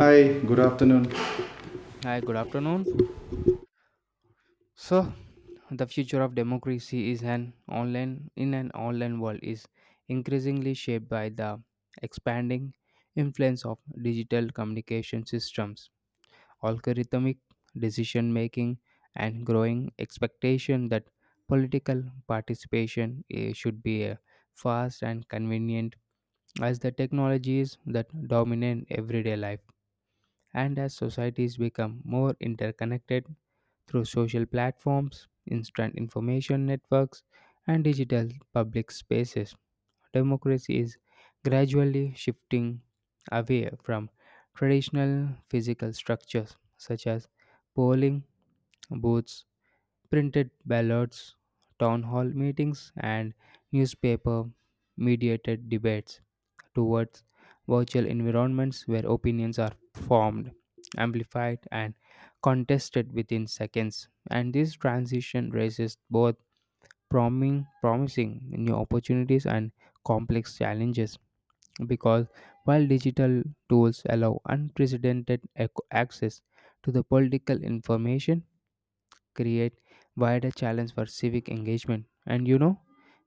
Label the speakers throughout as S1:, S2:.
S1: Hi, good afternoon.
S2: Hi, good afternoon. So, the future of democracy is an online in an online world is increasingly shaped by the expanding influence of digital communication systems, algorithmic decision making, and growing expectation that political participation should be fast and convenient as the technologies that dominate everyday life. And as societies become more interconnected through social platforms, instant information networks, and digital public spaces, democracy is gradually shifting away from traditional physical structures such as polling booths, printed ballots, town hall meetings, and newspaper mediated debates towards virtual environments where opinions are formed, amplified, and contested within seconds. And this transition raises both promising new opportunities and complex challenges because while digital tools allow unprecedented access to the political information, create wider challenge for civic engagement, and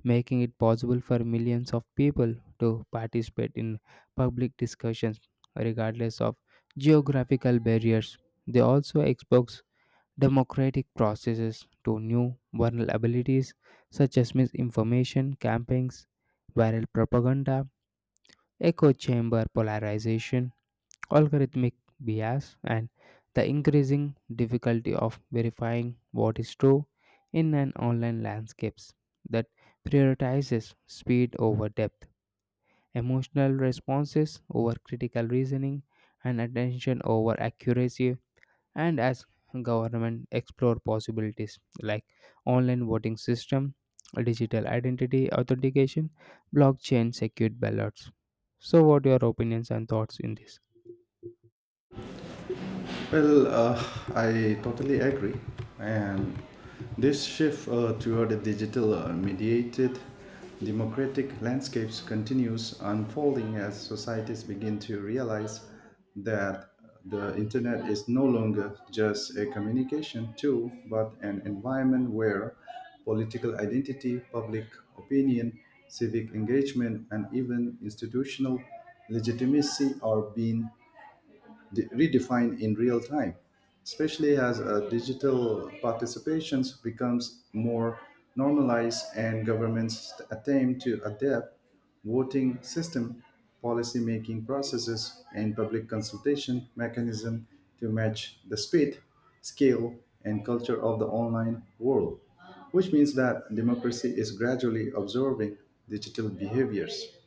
S2: making it possible for millions of people to participate in public discussions regardless of geographical barriers. They also expose democratic processes to new vulnerabilities such as misinformation campaigns, viral propaganda, echo chamber polarization, algorithmic bias, and the increasing difficulty of verifying what is true in an online landscape that prioritizes speed over depth, emotional responses over critical reasoning, and attention over accuracy. And as government explore possibilities like online voting system, digital identity authentication, blockchain secured ballots, so what your opinions and thoughts in this?
S1: Well, uh, I totally agree. And this shift toward a digital mediated democratic landscapes continues unfolding as societies begin to realize that the internet is no longer just a communication tool but an environment where political identity, public opinion, civic engagement, and even institutional legitimacy are being redefined in real time, especially as digital participations becomes more normalized and governments attempt to adapt voting system, policy making processes, and public consultation mechanism to match the speed, scale, and culture of the online world, which means that democracy is gradually absorbing digital behaviors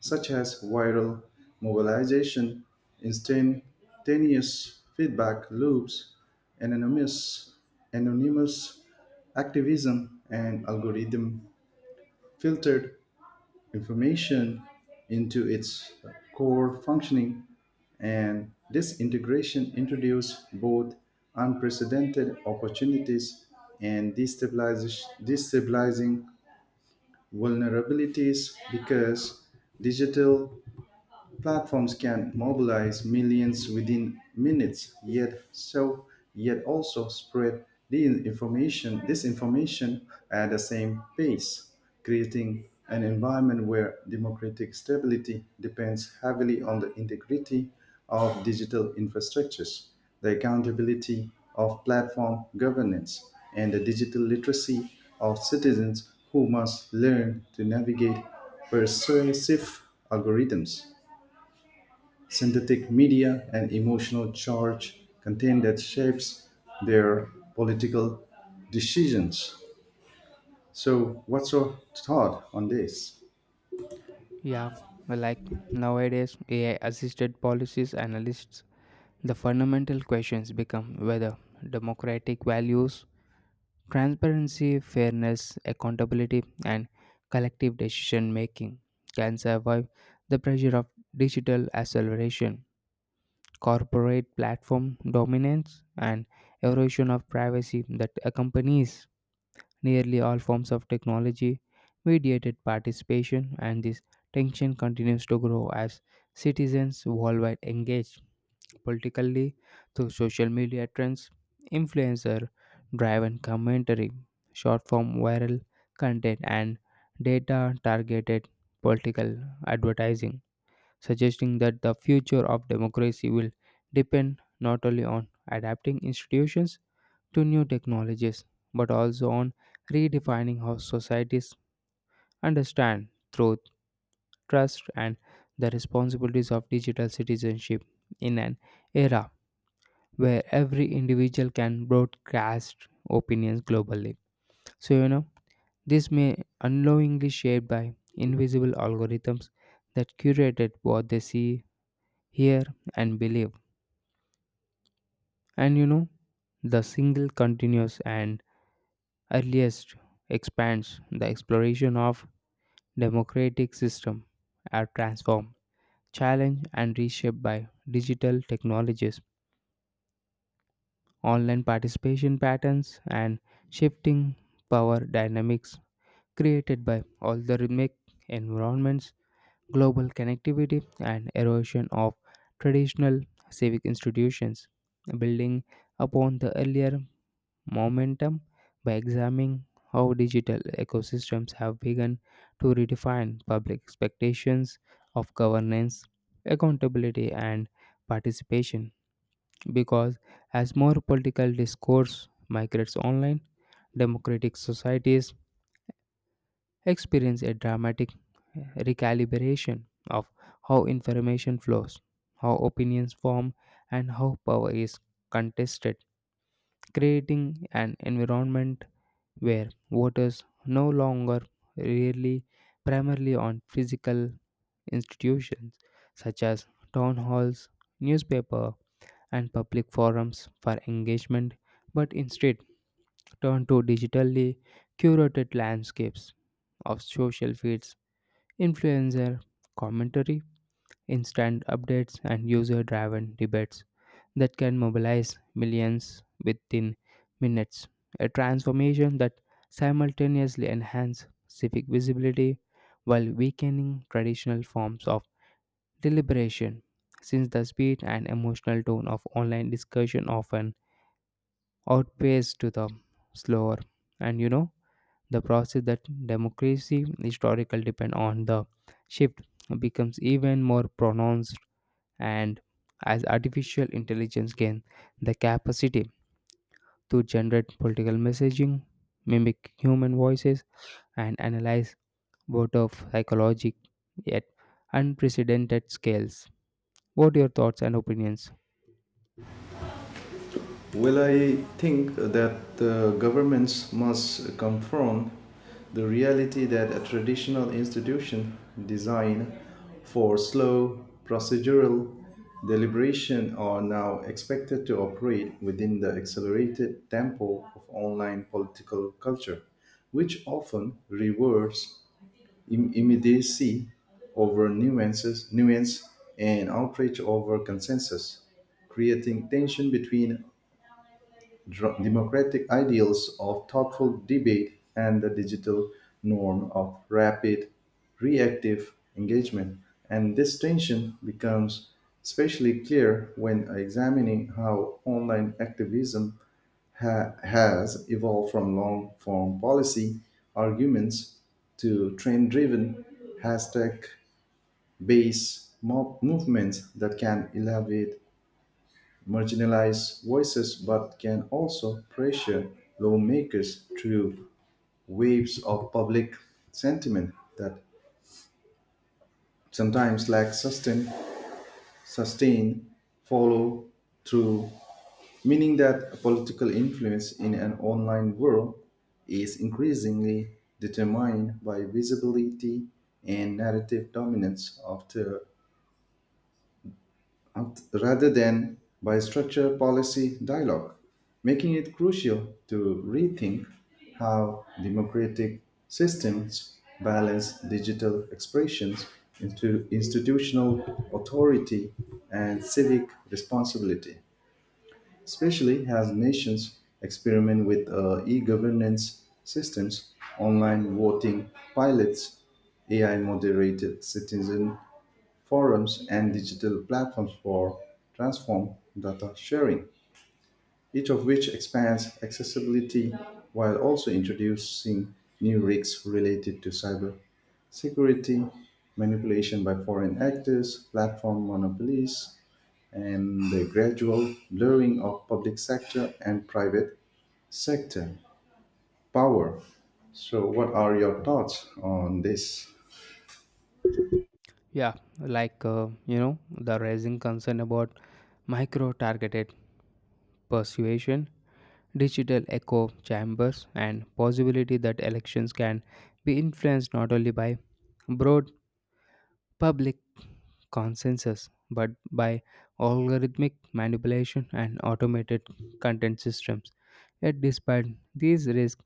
S1: such as viral mobilization, instantaneous feedback loops, anonymous, anonymous activism, and algorithm filtered information into its core functioning. And this integration introduced both unprecedented opportunities and destabilizing vulnerabilities because digital platforms can mobilize millions within minutes, yet also spread the information disinformation at the same pace, creating an environment where democratic stability depends heavily on the integrity of digital infrastructures, the accountability of platform governance, and the digital literacy of citizens who must learn to navigate persuasive algorithms synthetic media, and emotional charge content that shapes their political decisions. So, what's your thought on this?
S2: Yeah, well, like nowadays, AI assisted policies analysts, the fundamental questions become whether democratic values, transparency, fairness, accountability, and collective decision making can survive the pressure of digital acceleration, corporate platform dominance, and erosion of privacy that accompanies nearly all forms of technology mediated participation. And this tension continues to grow as citizens worldwide engage politically through social media trends, influencer driven commentary, short form viral content, and data targeted political advertising, suggesting that the future of democracy will depend not only on adapting institutions to new technologies, but also on redefining how societies understand truth, trust, and the responsibilities of digital citizenship in an era where every individual can broadcast opinions globally. So, you know, this may unknowingly shaped by invisible algorithms that curated what they see, hear, and believe. And you know, the single continuous and earliest expands the exploration of democratic systems are transformed, challenged, and reshaped by digital technologies, online participation patterns, and shifting power dynamics created by algorithmic environments, global connectivity, and erosion of traditional civic institutions, building upon the earlier momentum by examining how digital ecosystems have begun to redefine public expectations of governance, accountability, and participation. Because as more political discourse migrates online, democratic societies experience a dramatic recalibration of how information flows, how opinions form, and how power is contested, creating an environment where voters no longer rely primarily on physical institutions such as town halls, newspaper, and public forums for engagement, but instead turn to digitally curated landscapes of social feeds, influencer commentary, instant updates, and user driven debates that can mobilize millions within minutes. A transformation that simultaneously enhances civic visibility while weakening traditional forms of deliberation, since the speed and emotional tone of online discussion often outpaces to the slower and the process that democracy historical depend on, the shift becomes even more pronounced, and as artificial intelligence gain the capacity to generate political messaging, mimic human voices, and analyze voter psychology at unprecedented scales. What are your thoughts and opinions?
S1: Well, I think that the governments must confront the reality that a traditional institution designed for slow procedural deliberation are now expected to operate within the accelerated tempo of online political culture, which often rewards immediacy over nuance and outrage over consensus creating tension between democratic ideals of thoughtful debate and the digital norm of rapid reactive engagement. And this tension becomes especially clear when examining how online activism has evolved from long form policy arguments to trend driven hashtag based mob movements that can elevate marginalized voices but can also pressure lawmakers through waves of public sentiment that sometimes sustained follow through, meaning that political influence in an online world is increasingly determined by visibility and narrative dominance of the rather than by structured policy dialogue, making it crucial to rethink how democratic systems balance digital expressions into institutional authority and civic responsibility, especially as nations experiment with e-governance systems, online voting pilots, AI moderated citizen forums, and digital platforms for transform data sharing, each of which expands accessibility while also introducing new risks related to cyber security, manipulation by foreign actors, platform monopolies, and the gradual blurring of public sector and private sector power. So, what are your thoughts on this?
S2: Yeah, like you know, the raising concern about micro targeted persuasion, digital echo chambers, and possibility that elections can be influenced not only by broad public consensus, but by algorithmic manipulation and automated content systems. Yet, despite these risks,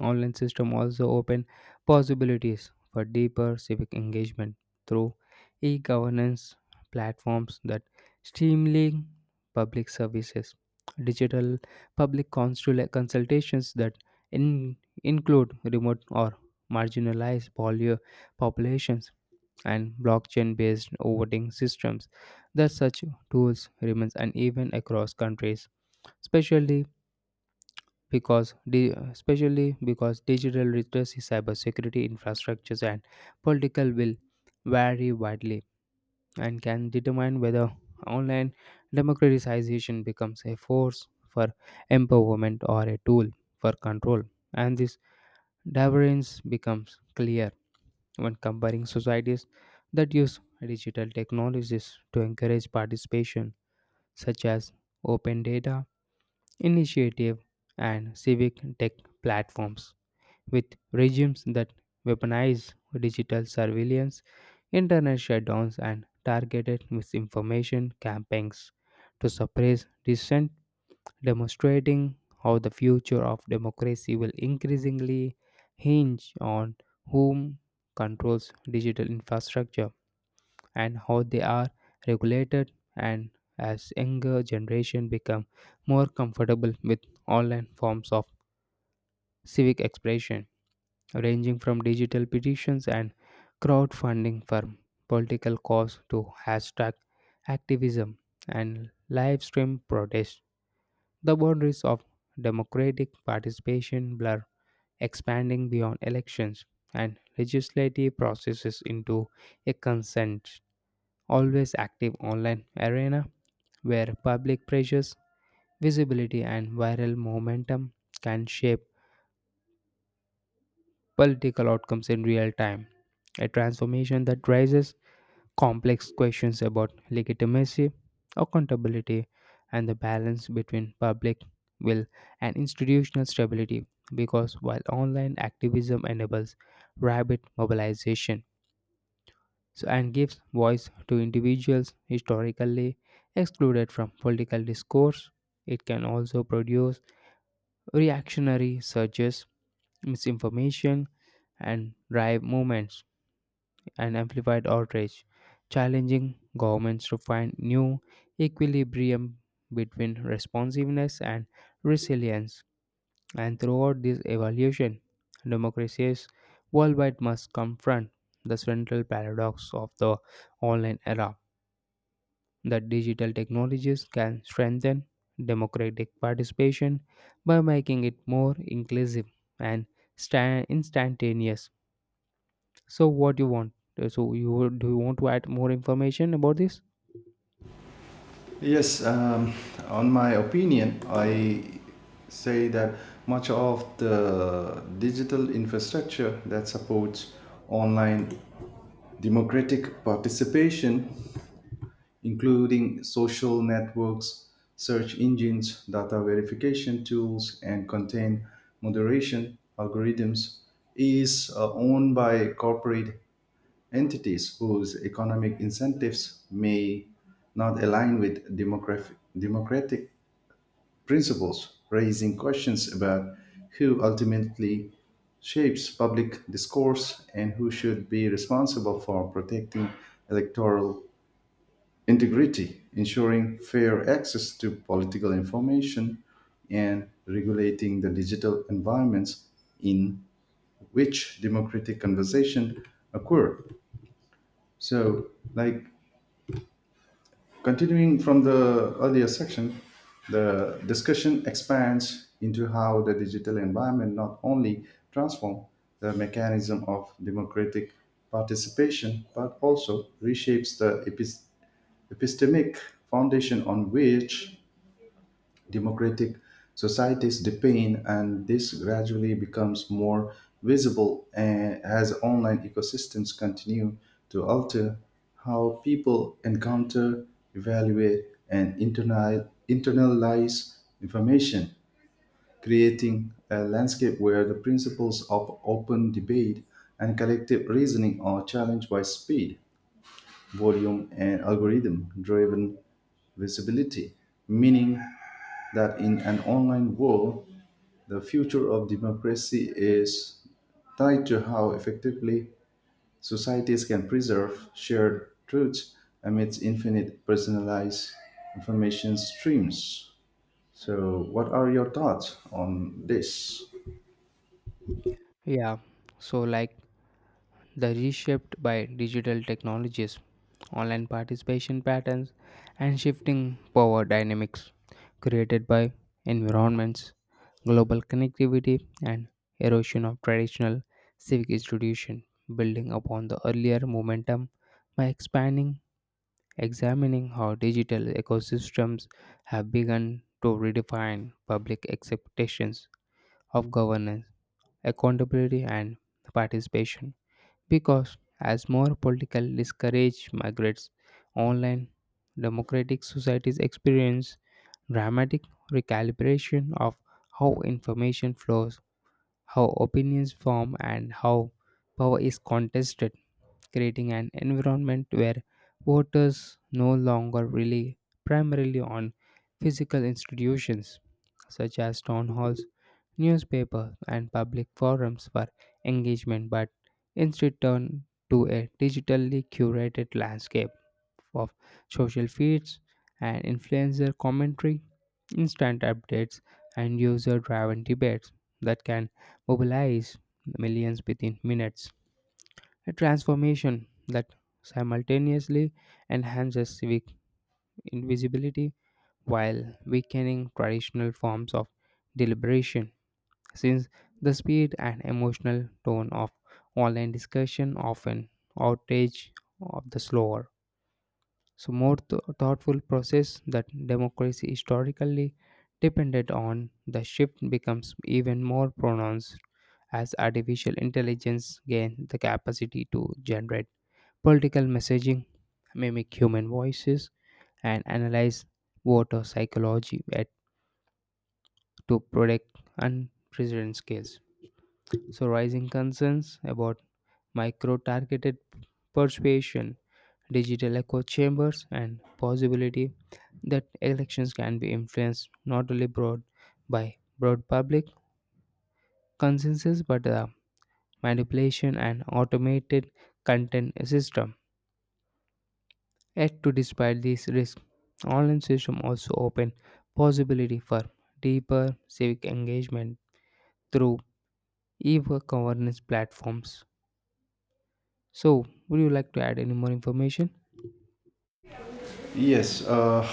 S2: online systems also open possibilities for deeper civic engagement through e-governance platforms that streamline public services, digital consultations that in- include remote or marginalized polio populations, and blockchain-based voting systems, that such tools remains uneven across countries, especially especially because digital literacy, cybersecurity infrastructures, and political will vary widely and can determine whether online democratization becomes a force for empowerment or a tool for control. And this divergence becomes clear when comparing societies that use digital technologies to encourage participation, such as open data initiative and civic tech platforms, with regimes that weaponize digital surveillance, internet shutdowns, and targeted misinformation campaigns to suppress dissent, demonstrating how the future of democracy will increasingly hinge on whom controls digital infrastructure and how they are regulated. And as younger generation become more comfortable with online forms of civic expression, ranging from digital petitions and crowdfunding for political cause to hashtag activism and live stream protests, the boundaries of democratic participation blur, expanding beyond elections and legislative processes into a consent, always active online arena where public pressures, visibility, and viral momentum can shape political outcomes in real time. A transformation that rises complex questions about legitimacy, accountability, and the balance between public will and institutional stability. Because while online activism enables rapid mobilization, so, and gives voice to individuals historically excluded from political discourse, it can also produce reactionary surges, misinformation, and drive movements and amplified outrage, challenging governments to find new equilibrium between responsiveness and resilience. And throughout this evolution, democracies worldwide must confront the central paradox of the online era that digital technologies can strengthen democratic participation by making it more inclusive and instantaneous. So what do you want? Do you want to add more information about this?
S1: Yes, um, on my opinion, I say that much of the digital infrastructure that supports online democratic participation including social networks, search engines, data verification tools, and content moderation algorithms, is owned by corporate entities whose economic incentives may not align with democratic principles, raising questions about who ultimately shapes public discourse and who should be responsible for protecting electoral integrity, ensuring fair access to political information, and regulating the digital environments in which democratic conversation occur. So, like continuing from the earlier section, the discussion expands into how the digital environment not only transforms the mechanism of democratic participation but also reshapes the epistemic foundation on which democratic societies depend, and this gradually becomes more visible as online ecosystems continue to alter how people encounter, evaluate, and internalize information, creating a landscape where the principles of open debate and collective reasoning are challenged by speed, volume, and algorithm driven visibility, meaning that in an online world, the future of democracy is tied to how effectively societies can preserve shared truths amidst infinite personalized information streams. So, what are your thoughts on this?
S2: Yeah. So like the reshaped by digital technologies, online participation patterns, and shifting power dynamics created by environments, global connectivity, and erosion of traditional civic institution, building upon the earlier momentum by expanding examining how digital ecosystems have begun to redefine public expectations of governance, accountability, and participation. Because as more political discourage migrates online, democratic societies experience dramatic recalibration of how information flows, how opinions form, and how power is contested, creating an environment where voters no longer rely primarily on physical institutions such as town halls, newspapers, and public forums for engagement, but instead turn to a digitally curated landscape of social feeds and influencer commentary, instant updates, and user driven debates that can mobilize millions within minutes. A transformation that simultaneously enhances civic invisibility while weakening traditional forms of deliberation, since the speed and emotional tone of online discussion often outrage of the slower. So, more thoughtful process that democracy historically depended on, the shift becomes even more pronounced as artificial intelligence gains the capacity to generate political messaging, mimic human voices, and analyze voter psychology at, to predict unprecedented scales. So, rising concerns about micro targeted persuasion, digital echo chambers, and possibility that elections can be influenced not only broad by broad public consensus but the manipulation and automated content system. Yet, to despite these risks, online systems also open possibility for deeper civic engagement through e-governance platforms. So, would you like to add any more information?
S1: Yes, uh,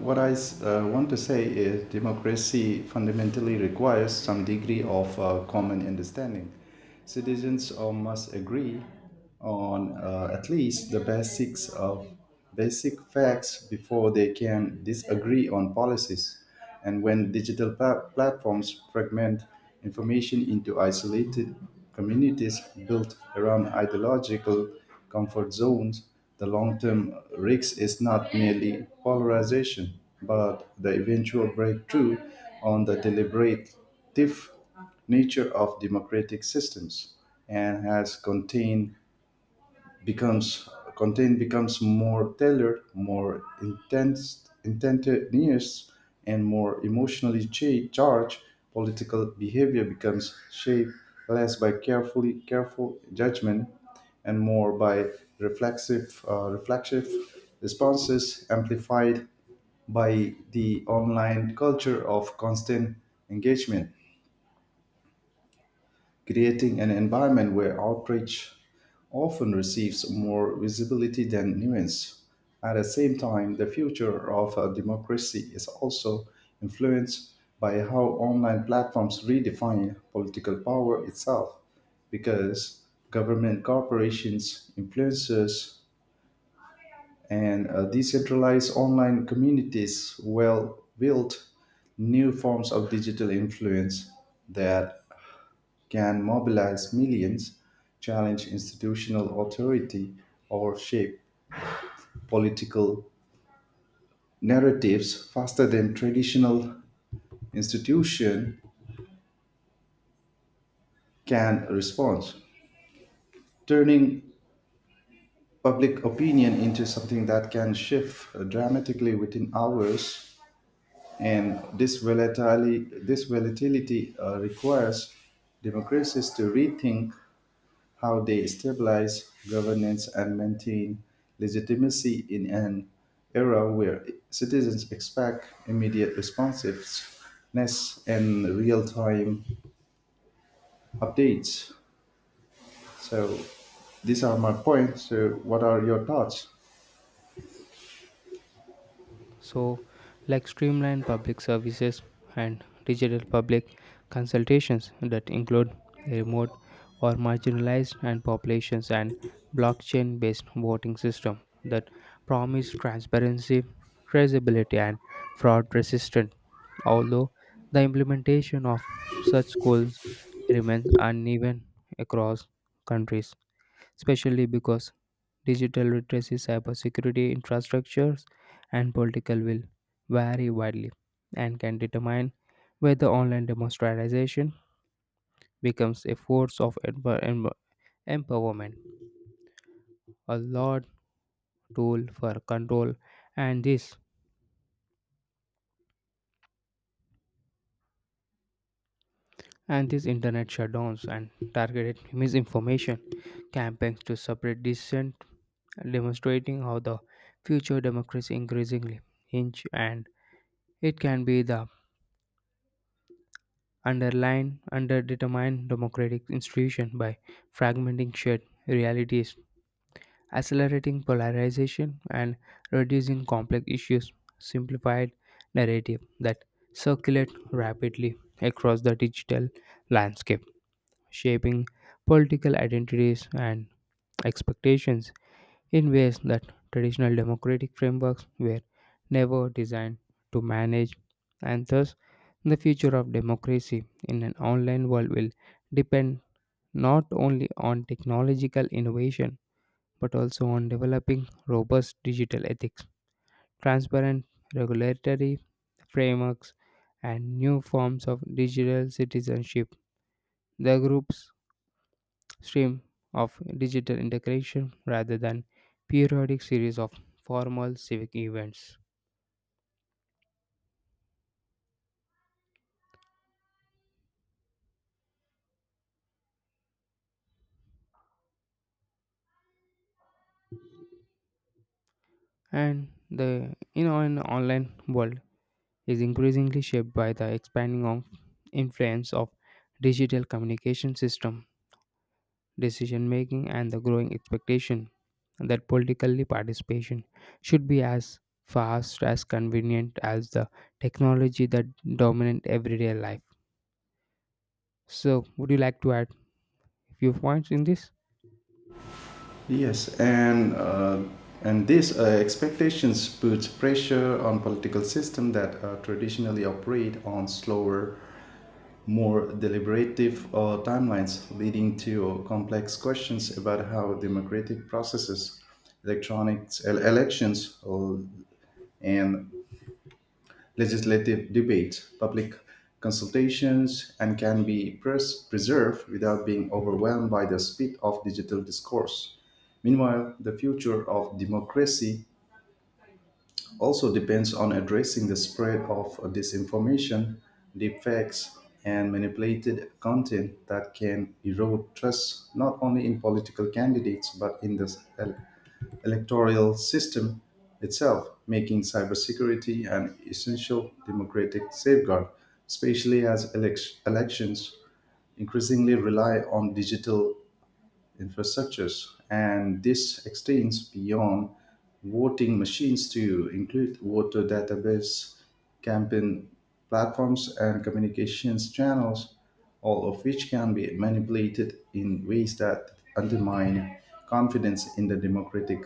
S1: what I want to say is democracy fundamentally requires some degree of common understanding. Citizens must agree on at least the basics of basic facts before they can disagree on policies. And when digital platforms fragment information into isolated communities built around ideological comfort zones, the long term risk is not merely polarization, but the eventual breakthrough on the deliberative nature of democratic systems and has contained becomes content becomes more tailored, intense, and more emotionally charged. Political behavior becomes shaped less by carefully careful judgment and more by reflexive responses amplified by the online culture of constant engagement creating an environment where outreach often receives more visibility than nuance. At the same time, the future of a democracy is also influenced by how online platforms redefine political power itself, because government corporations, influencers, and decentralized online communities will build new forms of digital influence that can mobilize millions, challenge institutional authority, or shape political narratives faster than traditional institution can respond, turning public opinion into something that can shift dramatically within hours. And this volatility requires democracies to rethink how they stabilize governance and maintain legitimacy in an era where citizens expect immediate responsiveness and real-time updates. So these are my points. So what are your thoughts?
S2: So, like streamlined public services and digital public consultations that include remote or marginalized and populations, and blockchain based voting system that promise transparency, traceability and fraud resistance. Although the implementation of such goals remains uneven across countries, especially because digital literacy, cybersecurity, infrastructures, and political will vary widely and can determine whether online democratization becomes a force of empowerment, a lot tool for control, and this and these internet shutdowns and targeted misinformation campaigns to separate dissent, demonstrating how the future democracy increasingly hinge, and it can be the underline underdetermine democratic institution by fragmenting shared realities, accelerating polarization and reducing complex issues, simplified narrative that circulate rapidly across the digital landscape, shaping political identities and expectations in ways that traditional democratic frameworks were never designed to manage. And thus the future of democracy in an online world will depend not only on technological innovation but also on developing robust digital ethics, transparent regulatory frameworks, and new forms of digital citizenship. The groups stream of digital integration rather than periodic series of formal civic events. And the in an online world is increasingly shaped by the expanding of influence of digital communication system, decision making, and the growing expectation that politically participation should be as fast as convenient as the technology that dominate everyday life. So, would you like to add a few points in this?
S1: Yes, and uh, and these expectations put pressure on political system that traditionally operate on slower more deliberative timelines, leading to complex questions about how democratic processes, elections, and legislative debate, public consultations, and can be preserved without being overwhelmed by the speed of digital discourse. Meanwhile, the future of democracy also depends on addressing the spread of disinformation, deepfakes, and manipulated content that can erode trust not only in political candidates but in the ele- electoral system itself, making cybersecurity an essential democratic safeguard, especially as elections increasingly rely on digital infrastructures. And this extends beyond voting machines to include voter database, campaign platforms, and communications channels, all of which can be manipulated in ways that undermine confidence in the democratic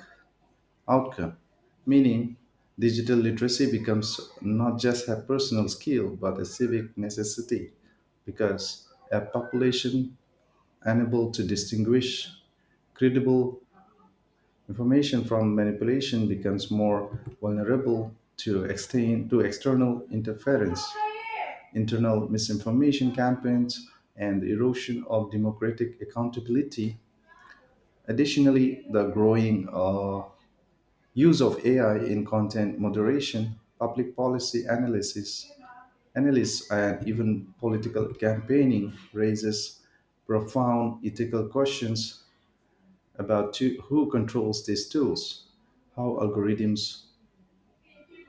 S1: outcome. Meaning, digital literacy becomes not just a personal skill but a civic necessity because a population unable to distinguish credible information from manipulation becomes more vulnerable to external interference, internal misinformation campaigns, and the erosion of democratic accountability. Additionally, the growing use of AI in content moderation, public policy analysts, and even political campaigning raises profound ethical questions about who controls these tools, how algorithms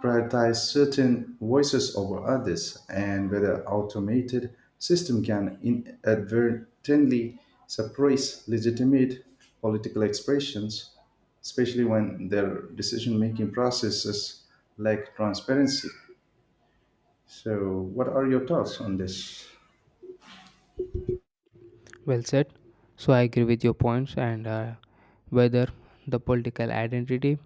S1: prioritize certain voices over others, and whether automated system can inadvertently suppress legitimate political expressions, especially when their decision-making processes lack transparency. So, what are your thoughts on this?
S2: Well said. So I agree with your points, and whether the political identity,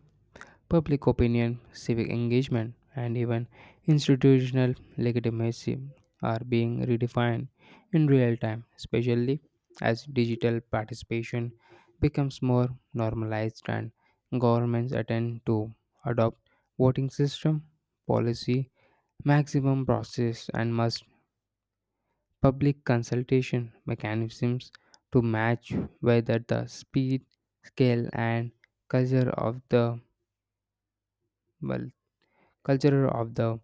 S2: public opinion, civic engagement, and even institutional legitimacy are being redefined in real time, especially as digital participation becomes more normalized and governments attend to adopt voting system, policy maximum process, and must public consultation mechanisms to match whether the speed, scale, and culture of the well, culture of the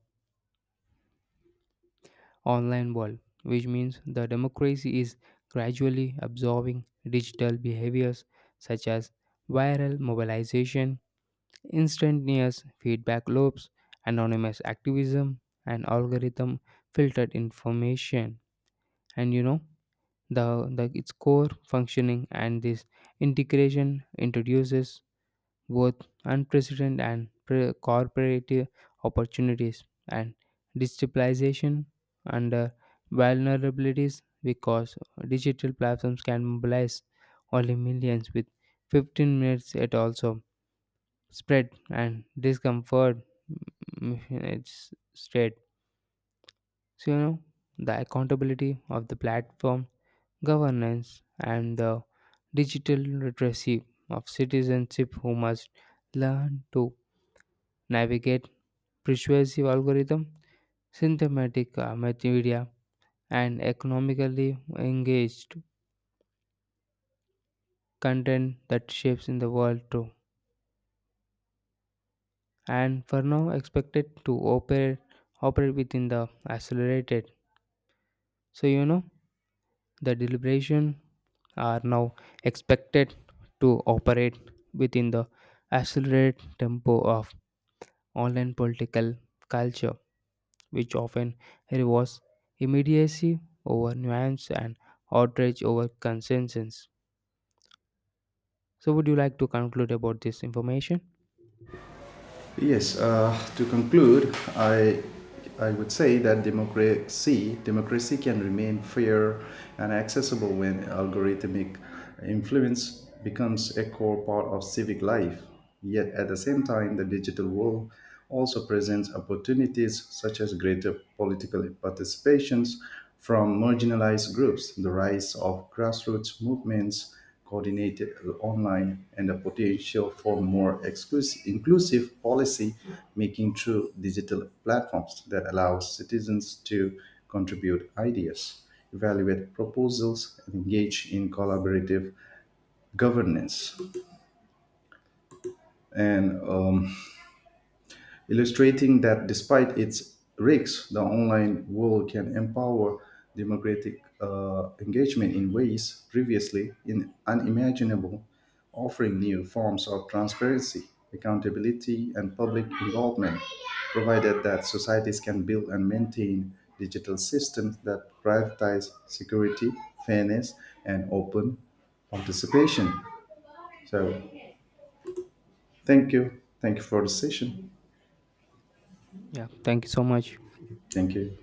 S2: online world, which means the democracy is gradually absorbing digital behaviors such as viral mobilization, instantaneous feedback loops, anonymous activism, and algorithm filtered information. And you know, the its core functioning, and this integration introduces both corporate opportunities and digitalization and vulnerabilities, because digital platforms can mobilize only millions with 15 minutes, it also spread and discomfort mm, mm, it's state. So you know the accountability of the platform governance, and the digital literacy of citizenship who must learn to navigate persuasive algorithm, synthetic media, and economically engaged content that shapes in the world too. And for now, expected to operate operate within the accelerated. So you know the deliberation are now expected to operate within the accelerated tempo of online political culture, which often rewards immediacy over nuance and outrage over consensus. So, would you like to conclude about this information?
S1: Yes, to conclude, I would say that democracy can remain fair and accessible when algorithmic influence becomes a core part of civic life. Yet at the same time, the digital world also presents opportunities such as greater political participations from marginalized groups, the rise of grassroots movements, coordinated online, and the potential for more inclusive policy making through digital platforms that allow citizens to contribute ideas, evaluate proposals, and engage in collaborative governance. And illustrating that despite its risks, the online world can empower democratic engagement in ways previously in unimaginable, offering new forms of transparency, accountability, and public involvement, provided that societies can build and maintain digital systems that prioritize security, fairness, and open participation. So, thank you. Thank you for the session.
S2: Yeah, thank you so much.
S1: Thank you.